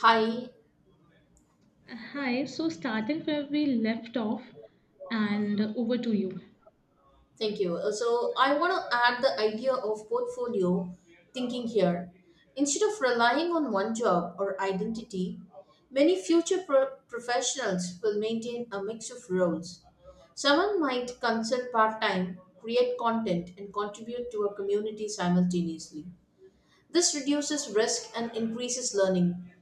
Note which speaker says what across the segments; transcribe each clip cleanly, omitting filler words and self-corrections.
Speaker 1: Hi,
Speaker 2: Hi, so starting where we left off and over to you.
Speaker 1: thank you. I want to add the idea of portfolio thinking here. Instead of relying on one job or identity, many professionals will maintain a mix of roles. Someone might consult part time, create content, and contribute to a community simultaneously. This reduces risk and increases learning.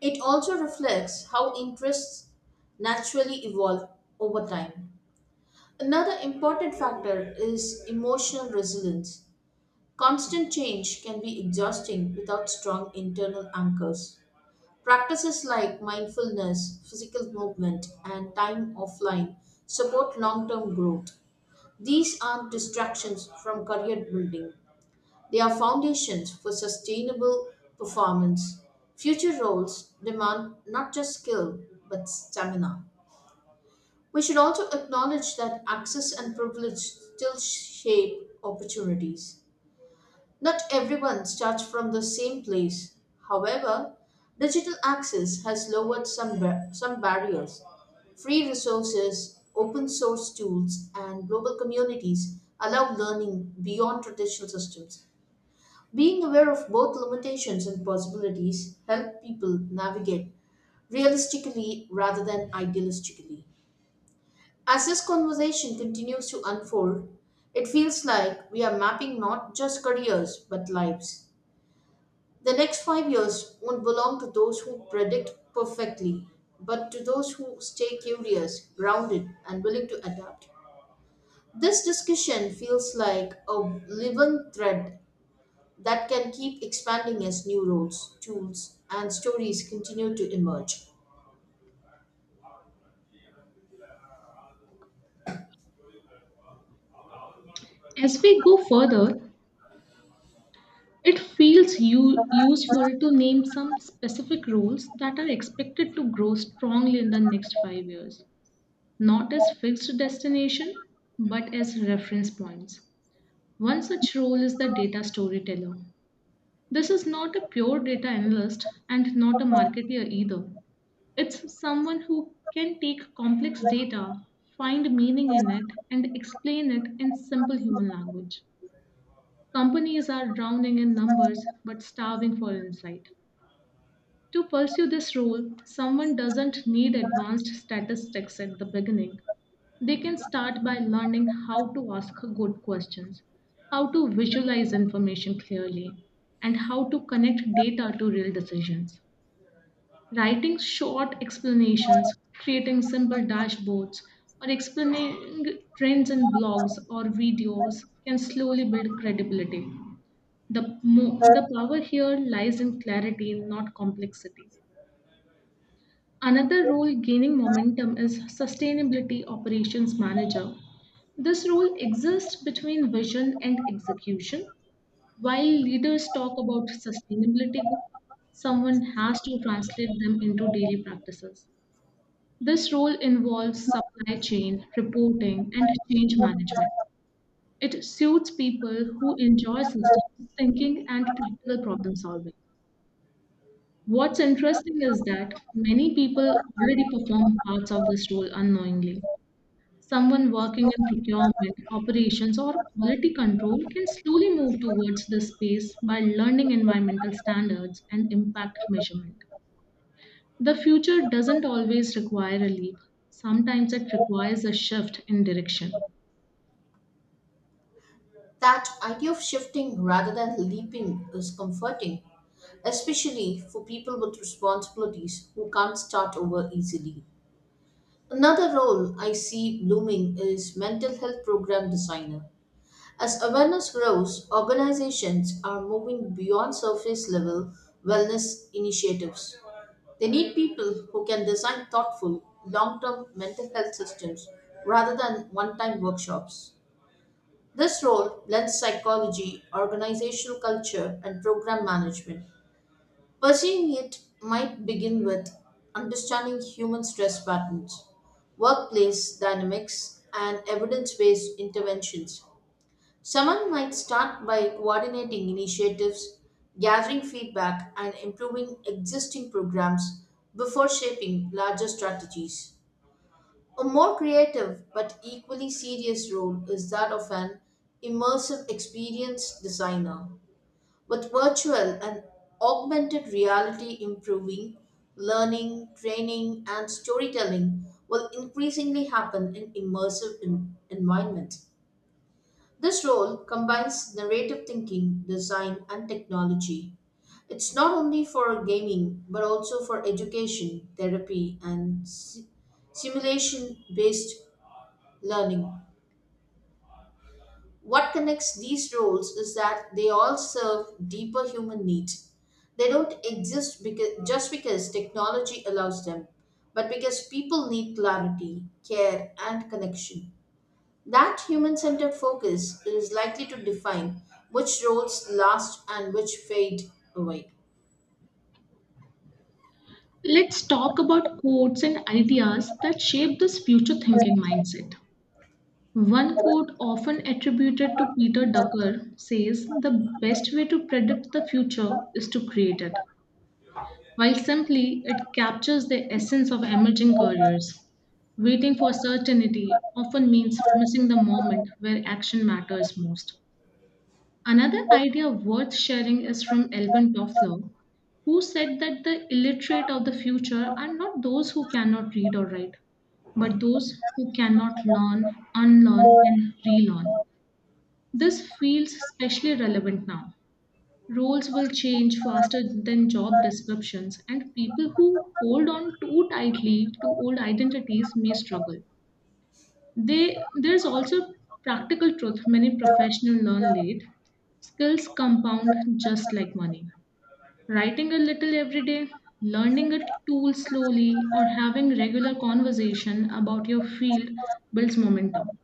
Speaker 1: It also reflects how interests naturally evolve over time. Another important factor is emotional resilience. Constant change can be exhausting without strong internal anchors. Practices like mindfulness, physical movement, and time offline support long term growth. These aren't distractions from career building, they are foundations for sustainable performance. Future roles demand not just skill, but stamina. We should also acknowledge that access and privilege still shape opportunities. Not everyone starts from the same place. However, digital access has lowered some barriers. Free resources, open source tools, and global communities allow learning beyond traditional systems. Being aware of both limitations and possibilities help people navigate realistically rather than idealistically. As this conversation continues to unfold, it feels like we are mapping not just careers but lives. The next 5 years won't belong to those who predict perfectly, but to those who stay curious, grounded, and willing to adapt. This discussion feels like a woven thread that can keep expanding as new roles, tools, and stories continue to emerge.
Speaker 2: As we go further, it feels useful to name some specific roles that are expected to grow strongly in the next 5 years, not as fixed destination, but as reference points. One such role is the data storyteller. This is not a pure data analyst and not a marketer either. It's someone who can take complex data, find meaning in it, and explain it in simple human language. Companies are drowning in numbers but starving for insight. To pursue this role, someone doesn't need advanced statistics at the beginning. They can start by learning how to ask good questions, how to visualize information clearly, and how to connect data to real decisions. Writing short explanations, creating simple dashboards, or explaining trends in blogs or videos can slowly build credibility. The power here lies in clarity, not complexity. Another role gaining momentum is Sustainability Operations Manager. This role exists between vision and execution. While leaders talk about sustainability goals, someone has to translate them into daily practices. This role involves supply chain, reporting, and change management. It suits people who enjoy systems thinking and practical problem solving. What's interesting is that many people already perform parts of this role unknowingly. Someone working in procurement, operations, or quality control can slowly move towards this space by learning environmental standards and impact measurement. The future doesn't always require a leap, sometimes it requires a shift in direction.
Speaker 1: That idea of shifting rather than leaping is comforting, especially for people with responsibilities who can't start over easily. Another role I see blooming is mental health program designer. As awareness grows, organizations are moving beyond surface level wellness initiatives. They need people who can design thoughtful, long term mental health systems rather than one time workshops. This role blends psychology, organizational culture, and program management. Pursuing it might begin with understanding human stress patterns, workplace dynamics, and evidence based interventions. Someone might start by coordinating initiatives, gathering feedback, and improving existing programs before shaping larger strategies. A more creative but equally serious role is that of an immersive experience designer. With virtual and augmented reality improving, learning, training, and storytelling will increasingly happen in immersive environments. This role combines narrative thinking, design, and technology. It's not only for gaming, but also for education, therapy, and simulation based learning. What connects these roles is that they all serve deeper human needs. They don't exist just because technology allows them, but because people need clarity, care, and connection. That human centered focus is likely to define which roles last and which fade away.
Speaker 2: Let's talk about quotes and ideas that shape this future thinking mindset. One quote, often attributed to Peter Ducker, says the best way to predict the future is to create it. While simply, it captures the essence of emerging careers. Waiting for certainty often means missing the moment where action matters most. Another idea worth sharing is from Elvin Toffler, who said that the illiterate of the future are not those who cannot read or write, but those who cannot learn, unlearn, and relearn. This feels especially relevant now. Roles will change faster than job descriptions, and people who hold on too tightly to old identities may struggle. There's also practical truth many professionals learn late. Skills compound just like money. Writing a little every day, learning a tool slowly, or having regular conversation about your field builds momentum.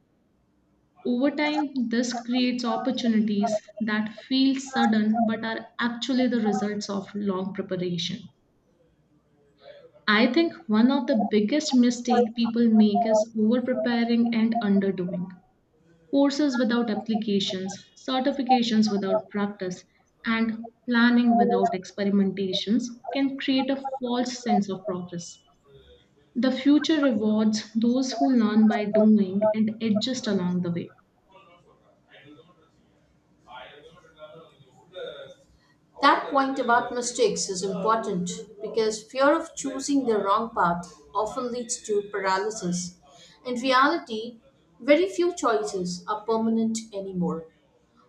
Speaker 2: Over time, this creates opportunities that feel sudden but are actually the results of long preparation. I think one of the biggest mistake people make is over preparing and underdoing. Courses without applications, certifications without practice, and planning without experimentations can create a false sense of progress. The future rewards those who learn by doing and adjust along the way.
Speaker 1: That point about mistakes is important because fear of choosing the wrong path often leads to paralysis. In reality, very few choices are permanent anymore.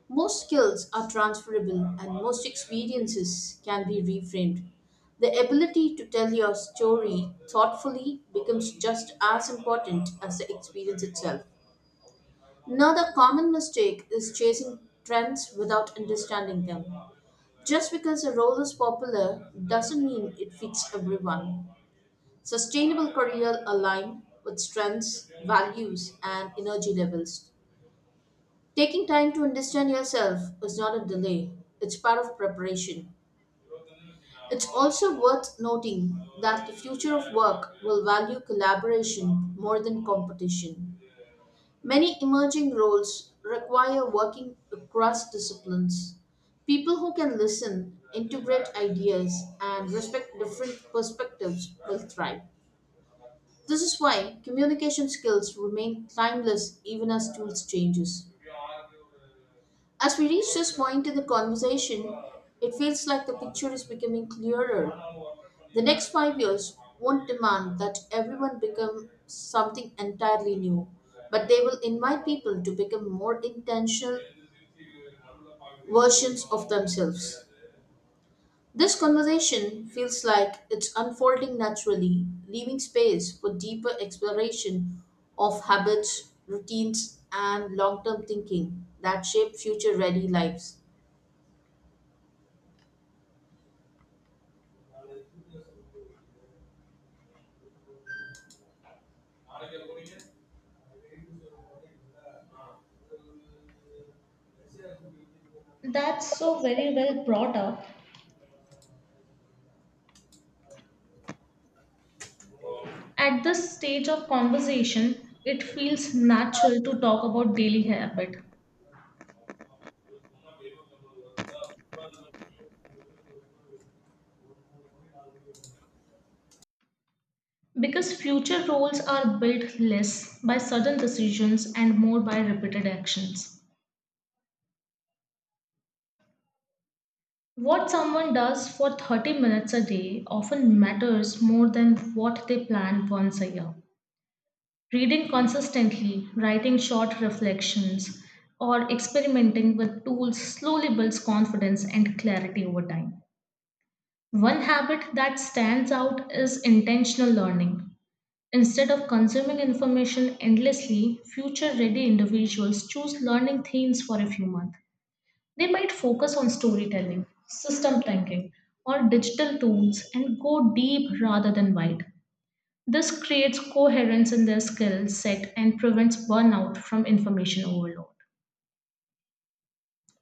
Speaker 1: Most skills are transferable and most experiences can be reframed. The ability to tell your story thoughtfully becomes just as important as the experience itself. Another common mistake is chasing trends without understanding them. Just because a role is popular doesn't mean it fits everyone. Sustainable career align with strengths, values, and energy levels. Taking time to understand yourself is not a delay, it's part of preparation. It's also worth noting that the future of work will value collaboration more than competition. Many emerging roles require working across disciplines. People who can listen, integrate ideas, and respect different perspectives will thrive. This is why communication skills remain timeless even as tools changes. As we reach this point in the conversation, it feels like the picture is becoming clearer. The next 5 years won't demand that everyone become something entirely new, but they will invite people to become more intentional versions of themselves. This conversation feels like it's unfolding naturally, leaving space for deeper exploration of habits, routines, and long term thinking that shape future ready lives.
Speaker 2: That's so very well brought up. At this stage of conversation, it feels natural to talk about daily habit because future roles are built less by sudden decisions and more by repeated actions. What someone does for 30 minutes a day often matters more than what they plan once a year. Reading consistently, writing short reflections, or experimenting with tools slowly builds confidence and clarity over time. One habit that stands out is intentional learning. Instead of consuming information endlessly, future ready individuals choose learning themes for a few months. They might focus on storytelling, system thinking, or digital tools and go deep rather than wide. This creates coherence in their skill set and prevents burnout from information overload.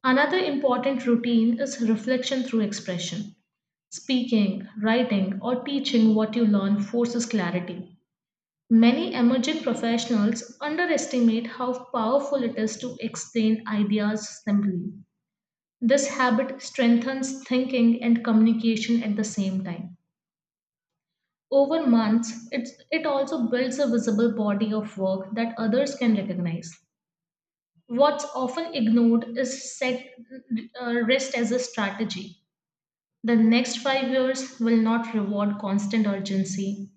Speaker 2: Another important routine is reflection through expression. Speaking, writing, or teaching what you learn forces clarity. Many emerging professionals underestimate how powerful it is to explain ideas simply. This habit strengthens thinking and communication at the same time. Over months, it also builds a visible body of work that others can recognize. What's often ignored is set rest as a strategy. The next 5 years will not reward constant urgency.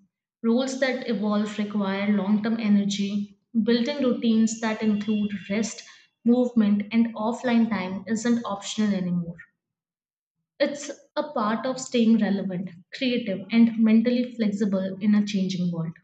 Speaker 2: Roles that evolve require long term energy. Building routines that include rest, movement, and offline time isn't optional anymore. It's a part of staying relevant, creative, and mentally flexible in a changing world.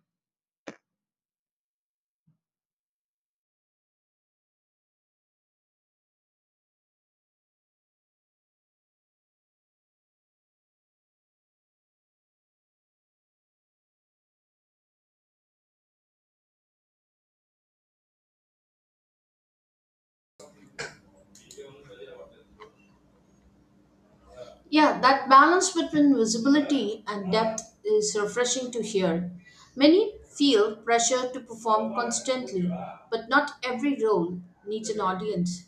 Speaker 1: Yeah, that balance between visibility and depth is refreshing to hear. Many feel pressure to perform constantly, but not every role needs an audience.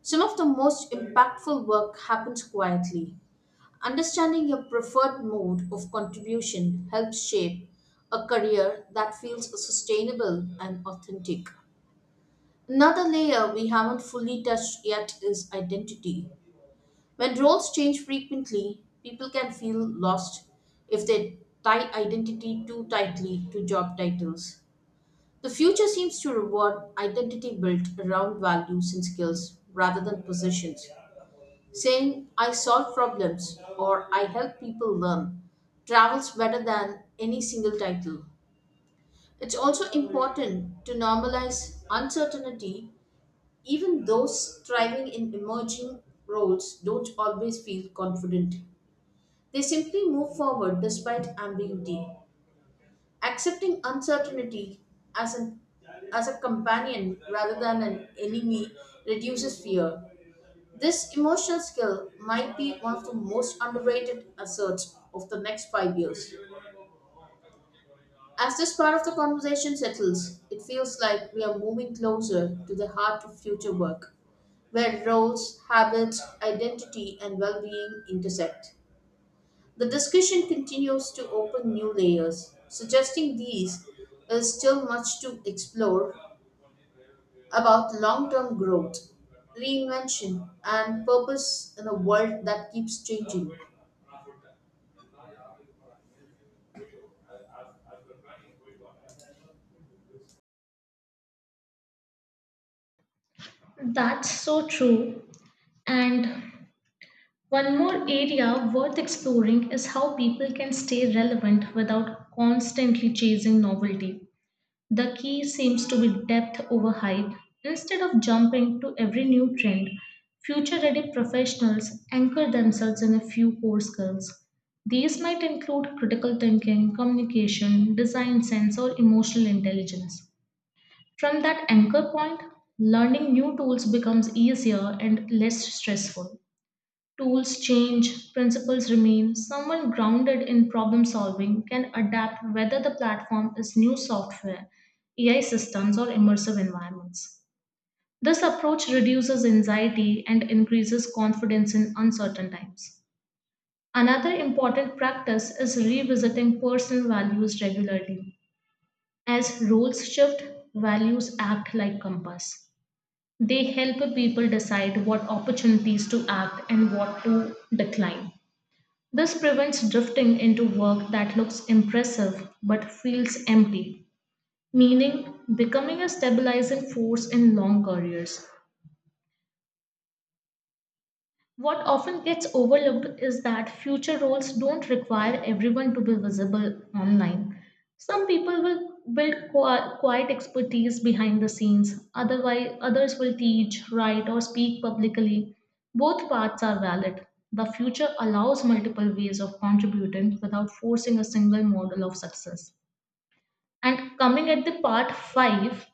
Speaker 1: Some of the most impactful work happens quietly. Understanding your preferred mode of contribution helps shape a career that feels sustainable and authentic. Another layer we haven't fully touched yet is identity. When roles change frequently, people can feel lost if they tie identity too tightly to job titles. The future seems to reward identity built around values and skills rather than positions. Saying I solve problems or I help people learn travels better than any single title. It's also important to normalize uncertainty, even those thriving in emerging roles don't always feel confident. They simply move forward despite ambiguity. Accepting uncertainty as an as a companion rather than an enemy reduces fear. This emotional skill might be one of the most underrated assets of the next 5 years. As this part of the conversation settles, it feels like we are moving closer to the heart of future work, where roles, habits, identity, and well being intersect. The discussion continues to open new layers, suggesting these is still much to explore about long term growth, reinvention, and purpose in a world that keeps changing.
Speaker 2: That's so true. And one more area worth exploring is how people can stay relevant without constantly chasing novelty. The key seems to be depth over height. Instead of jumping to every new trend, future ready professionals anchor themselves in a few core skills. These might include critical thinking, communication, design sense, or emotional intelligence. From that anchor point, learning new tools becomes easier and less stressful. Tools change, principles remain. Someone grounded in problem solving can adapt whether the platform is new software, AI systems, or immersive environments. This approach reduces anxiety and increases confidence in uncertain times. Another important practice is revisiting personal values regularly. As roles shift, values act like compass. They help people decide what opportunities to act and what to decline. This prevents drifting into work that looks impressive but feels empty, meaning becoming a stabilizing force in long careers. What often gets overlooked is that future roles don't require everyone to be visible online. Some people will build quiet expertise behind the scenes, otherwise, others will teach, write, or speak publicly. Both paths are valid. The future allows multiple ways of contributing without forcing a single model of success. And coming at the part 5,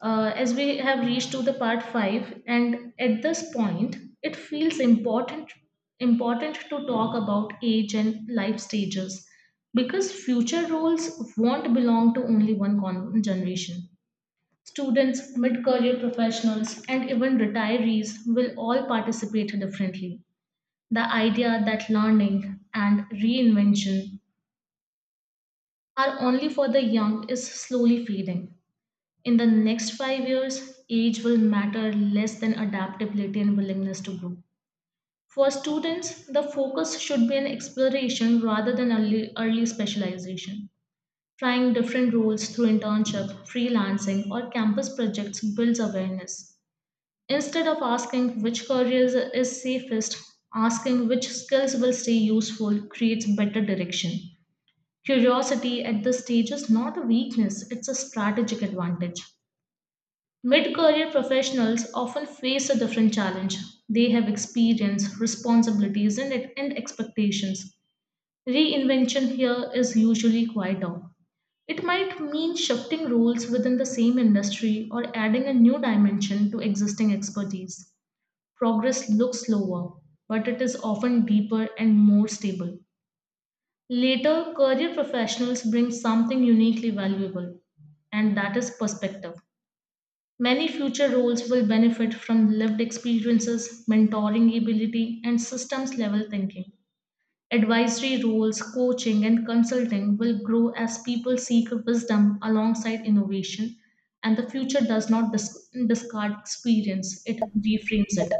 Speaker 2: as we have reached to the part 5, and at this point it feels important to talk about age and life stages, because future roles won't belong to only one generation. Students, mid-career professionals, and even retirees will all participate differently. The idea that learning and reinvention are only for the young is slowly fading. In the next 5 years, age will matter less than adaptability and willingness to grow. For students, the focus should be on exploration rather than early specialization. Trying different roles through internship, freelancing, or campus projects builds awareness. Instead of asking which career is safest, asking which skills will stay useful creates better direction. Curiosity at this stage is not a weakness, it's a strategic advantage. Mid career professionals often face a different challenge. They have experience, responsibilities, and expectations. Reinvention here is usually quieter. It might mean shifting roles within the same industry or adding a new dimension to existing expertise. Progress looks slower, but it is often deeper and more stable. Later, career professionals bring something uniquely valuable, and that is perspective. Many future roles will benefit from lived experiences, mentoring ability, and systems level thinking. Advisory roles, coaching, and consulting will grow as people seek wisdom alongside innovation, and the future does not discard experience, it reframes it.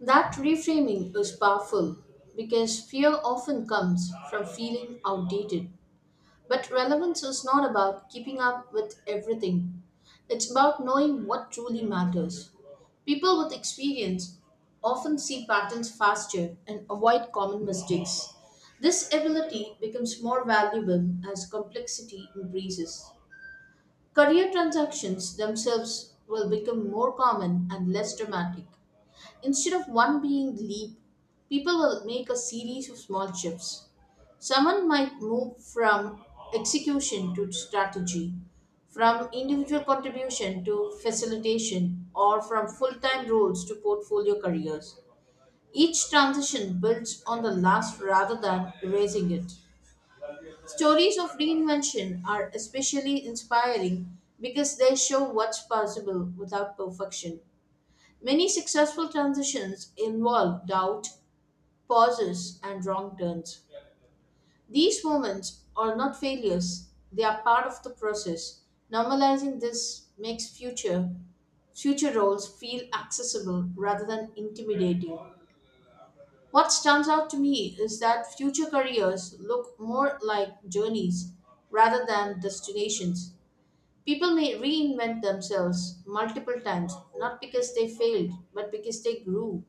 Speaker 1: That reframing is powerful because fear often comes from feeling outdated. But relevance is not about keeping up with everything, it's about knowing what truly matters. People with experience often see patterns faster and avoid common mistakes. This ability becomes more valuable as complexity increases. Career transactions themselves will become more common and less dramatic. Instead of one being the leap, people will make a series of small shifts. Someone might move from execution to strategy, from individual contribution to facilitation, or from full time roles to portfolio careers. Each transition builds on the last rather than erasing it. Stories of reinvention are especially inspiring because they show what's possible without perfection. Many successful transitions involve doubt, pauses, and wrong turns. These moments are not failures, they are part of the process. Normalizing this makes future roles feel accessible rather than intimidating. What stands out to me is that future careers look more like journeys rather than destinations. People may reinvent themselves multiple times, not because they failed, but because they grew.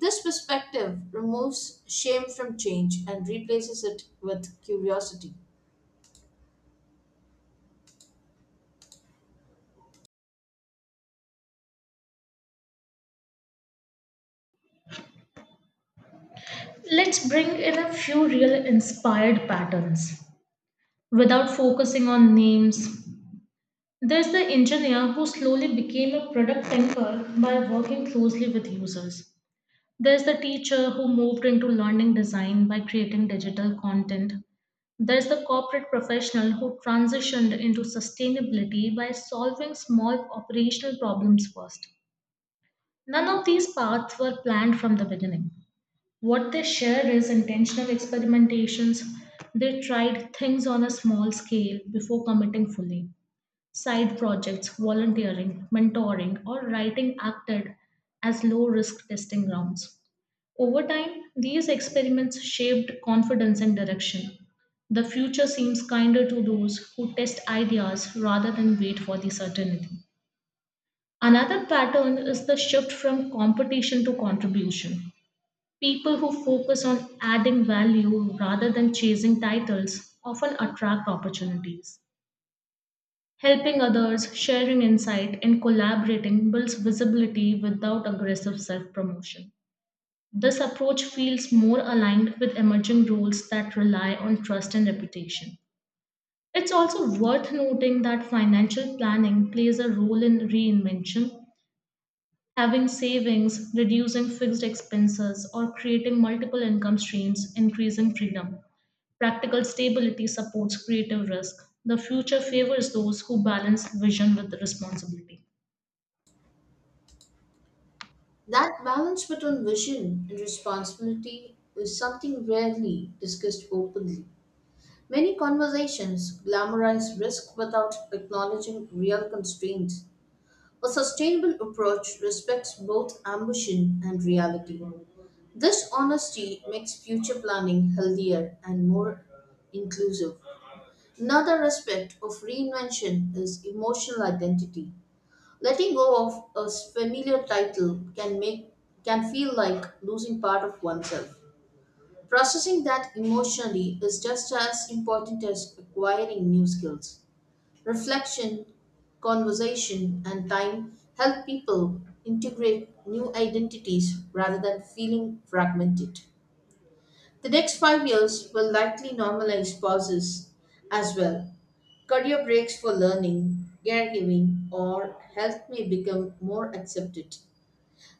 Speaker 1: This perspective removes shame from change and replaces it with curiosity.
Speaker 2: Let's bring in a few real inspired patterns without focusing on names. There's the engineer who slowly became a product thinker by working closely with users. There's the teacher who moved into learning design by creating digital content. There's the corporate professional who transitioned into sustainability by solving small operational problems first. None of these paths were planned from the beginning. What they share is intentional experimentations. They tried things on a small scale before committing fully. Side projects, volunteering, mentoring, or writing acted as low risk testing grounds. Over time, these experiments shaped confidence and direction. The future seems kinder to those who test ideas rather than wait for the certainty. Another pattern is the shift from competition to contribution. People who focus on adding value rather than chasing titles often attract opportunities. Helping others, sharing insight, and collaborating builds visibility without aggressive self promotion. This approach feels more aligned with emerging roles that rely on trust and reputation. It's also worth noting that financial planning plays a role in reinvention. Having savings, reducing fixed expenses, or creating multiple income streams, increasing freedom. Practical stability supports creative risk. The future favors those who balance vision with responsibility.
Speaker 1: That balance between vision and responsibility is something rarely discussed openly. Many conversations glamorize risk without acknowledging real constraints. A sustainable approach respects both ambition and reality. This honesty makes future planning healthier and more inclusive. Another aspect of reinvention is emotional identity. Letting go of a familiar title can feel like losing part of oneself. Processing that emotionally is just as important as acquiring new skills. Reflection, conversation, and time help people integrate new identities rather than feeling fragmented. The next 5 years will likely normalize pauses as well. Career breaks for learning, caregiving, or health may become more accepted.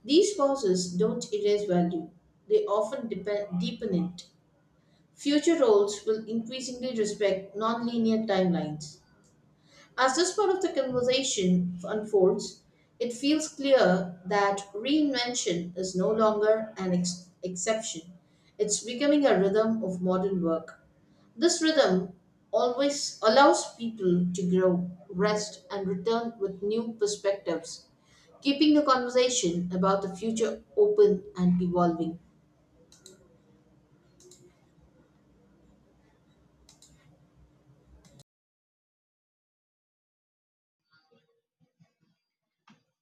Speaker 1: These pauses don't erase value, they often deepen it. Future roles will increasingly respect non-linear timelines. As this part of the conversation unfolds, it feels clear that reinvention is no longer an exception. It's becoming a rhythm of modern work. This rhythm always allows people to grow, rest, and return with new perspectives, keeping the conversation about the future open and evolving.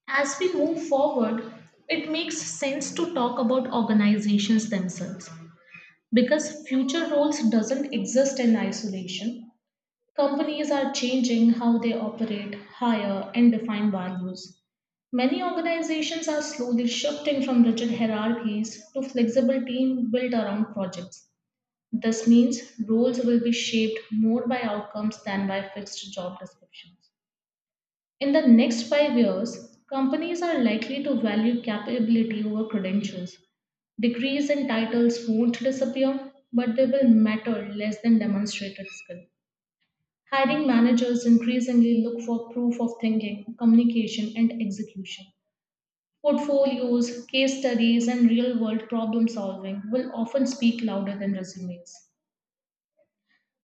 Speaker 2: As we move forward, it makes sense to talk about organizations themselves, because future roles doesn't exist in isolation. Companies are changing how they operate, hire, and define values. Many organizations are slowly shifting from rigid hierarchies to flexible teams built around projects. This means roles will be shaped more by outcomes than by fixed job descriptions. In the next 5 years, companies are likely to value capability over credentials. Degrees and titles won't disappear, but they will matter less than demonstrated skill. Hiring managers increasingly look for proof of thinking, communication, and execution. Portfolios, case studies, and real world problem solving will often speak louder than resumes.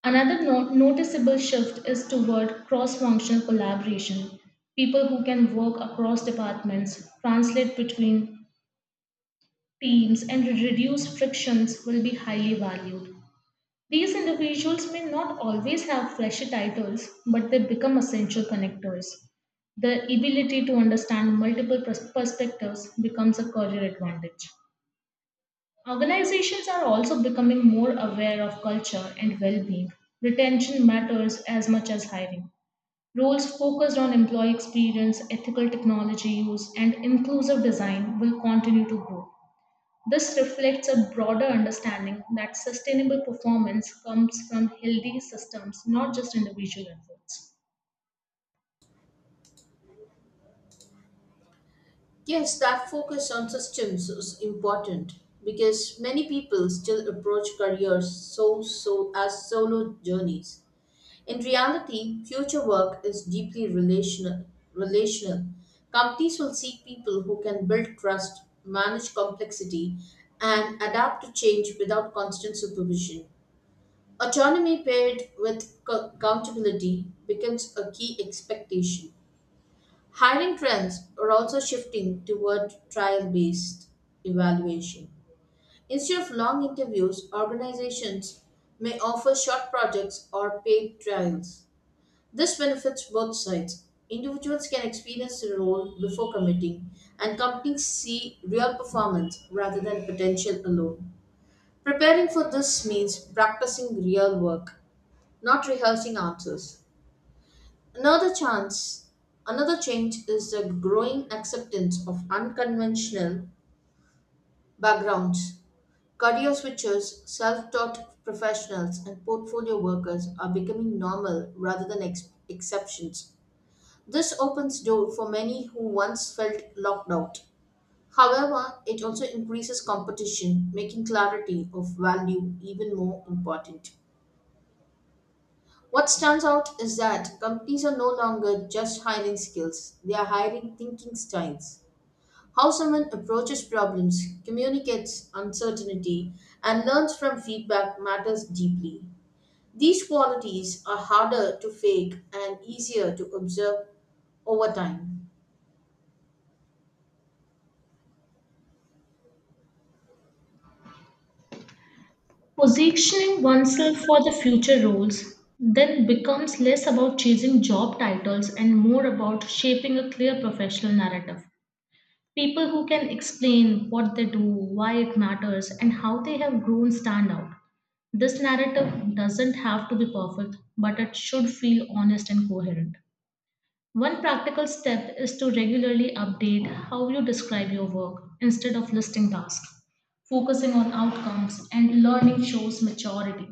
Speaker 2: Another noticeable shift is toward cross functional collaboration. People who can work across departments, translate between teams, and reduce frictions will be highly valued. These individuals may not always have flashy titles, but they become essential connectors. The ability to understand multiple perspectives becomes a career advantage. Organizations are also becoming more aware of culture and well being. Retention matters as much as hiring. Roles focused on employee experience, ethical technology use, and inclusive design will continue to grow. This reflects a broader understanding that sustainable performance comes from healthy systems, not just individual efforts.
Speaker 1: Yes, that focus on systems is important because many people still approach careers so as solo journeys. In reality, future work is deeply relational. Relational. Companies will seek people who can build trust, manage complexity, and adapt to change without constant supervision. Autonomy paired with accountability becomes a key expectation. Hiring trends are also shifting toward trial based evaluation. Instead of long interviews, organizations may offer short projects or paid trials. This benefits both sides. Individuals can experience the role before committing, and companies see real performance rather than potential alone. Preparing for this means practicing real work, not rehearsing answers. Another chance, another change is the growing acceptance of unconventional backgrounds. Career switchers, self taught professionals, and portfolio workers are becoming normal rather than exceptions. This opens door for many who once felt locked out. However, it also increases competition, making clarity of value even more important. What stands out is that companies are no longer just hiring skills, they are hiring thinking styles. How someone approaches problems, communicates uncertainty, and learns from feedback matters deeply. These qualities are harder to fake and easier to observe over time.
Speaker 2: Positioning oneself for the future roles then becomes less about chasing job titles and more about shaping a clear professional narrative. People who can explain what they do, why it matters, and how they have grown stand out. This narrative doesn't have to be perfect, but it should feel honest and coherent. One practical step is to regularly update how you describe your work. Instead of listing tasks, focusing on outcomes and learning shows maturity.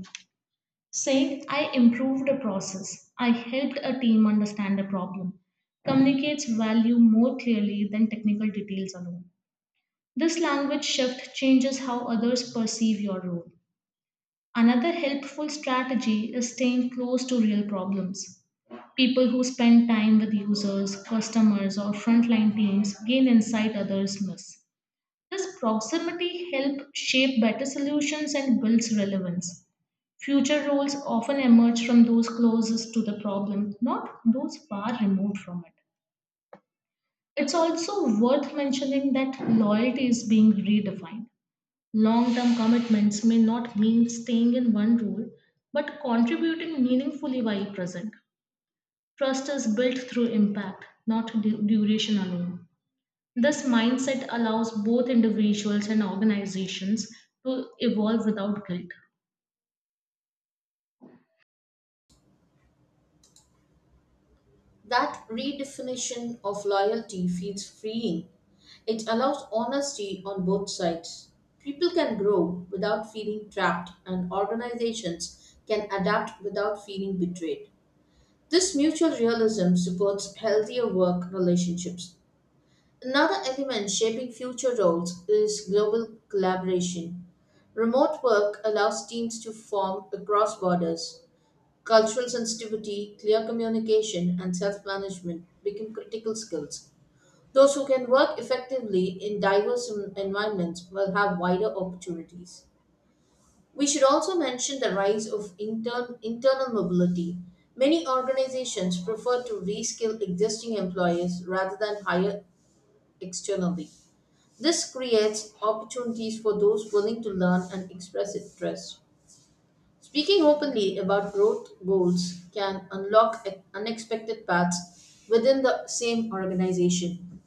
Speaker 2: Saying I improved a process, I helped a team understand a problem, communicates value more clearly than technical details alone. This language shift changes how others perceive your role. Another helpful strategy is staying close to real problems. People who spend time with users, customers, or frontline teams gain insight others miss. This proximity helps shape better solutions and builds relevance. Future roles often emerge from those closest to the problem, not those far removed from it. It's also worth mentioning that loyalty is being redefined. Long term commitments may not mean staying in one role, but contributing meaningfully while present. Trust is built through impact, not duration alone. This mindset allows both individuals and organizations to evolve without guilt.
Speaker 1: That redefinition of loyalty feels freeing. It allows honesty on both sides. People can grow without feeling trapped, and organizations can adapt without feeling betrayed. This mutual realism supports healthier work relationships. Another element shaping future roles is global collaboration. Remote work allows teams to form across borders. Cultural sensitivity, clear communication, and self management become critical skills. Those who can work effectively in diverse environments will have wider opportunities. We should also mention the rise of internal mobility. Many organizations prefer to reskill existing employees rather than hire externally. This creates opportunities for those willing to learn and express interest. Speaking openly about growth goals can unlock unexpected paths within the same organization.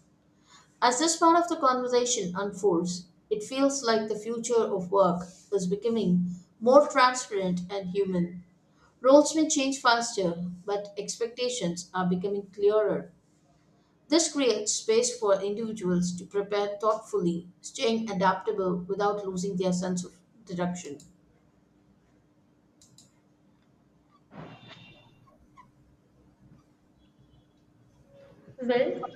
Speaker 1: As this part of the conversation unfolds, it feels like the future of work is becoming more transparent and human. Roles may change faster, but expectations are becoming clearer. This creates space for individuals to prepare thoughtfully, staying adaptable without losing their sense of direction.
Speaker 2: Well,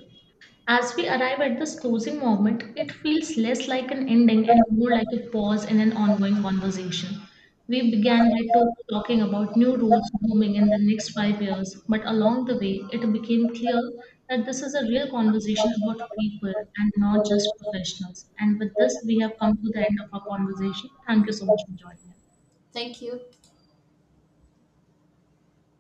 Speaker 2: as we arrive at this closing moment, it feels less like an ending and more like a pause in an ongoing conversation. We began by talking about new roles booming in the next 5 years, but along the way, it became clear that this is a real conversation about people and not just professionals. And with this, we have come to the end of our conversation. Thank you so much for joining us.
Speaker 1: Thank you.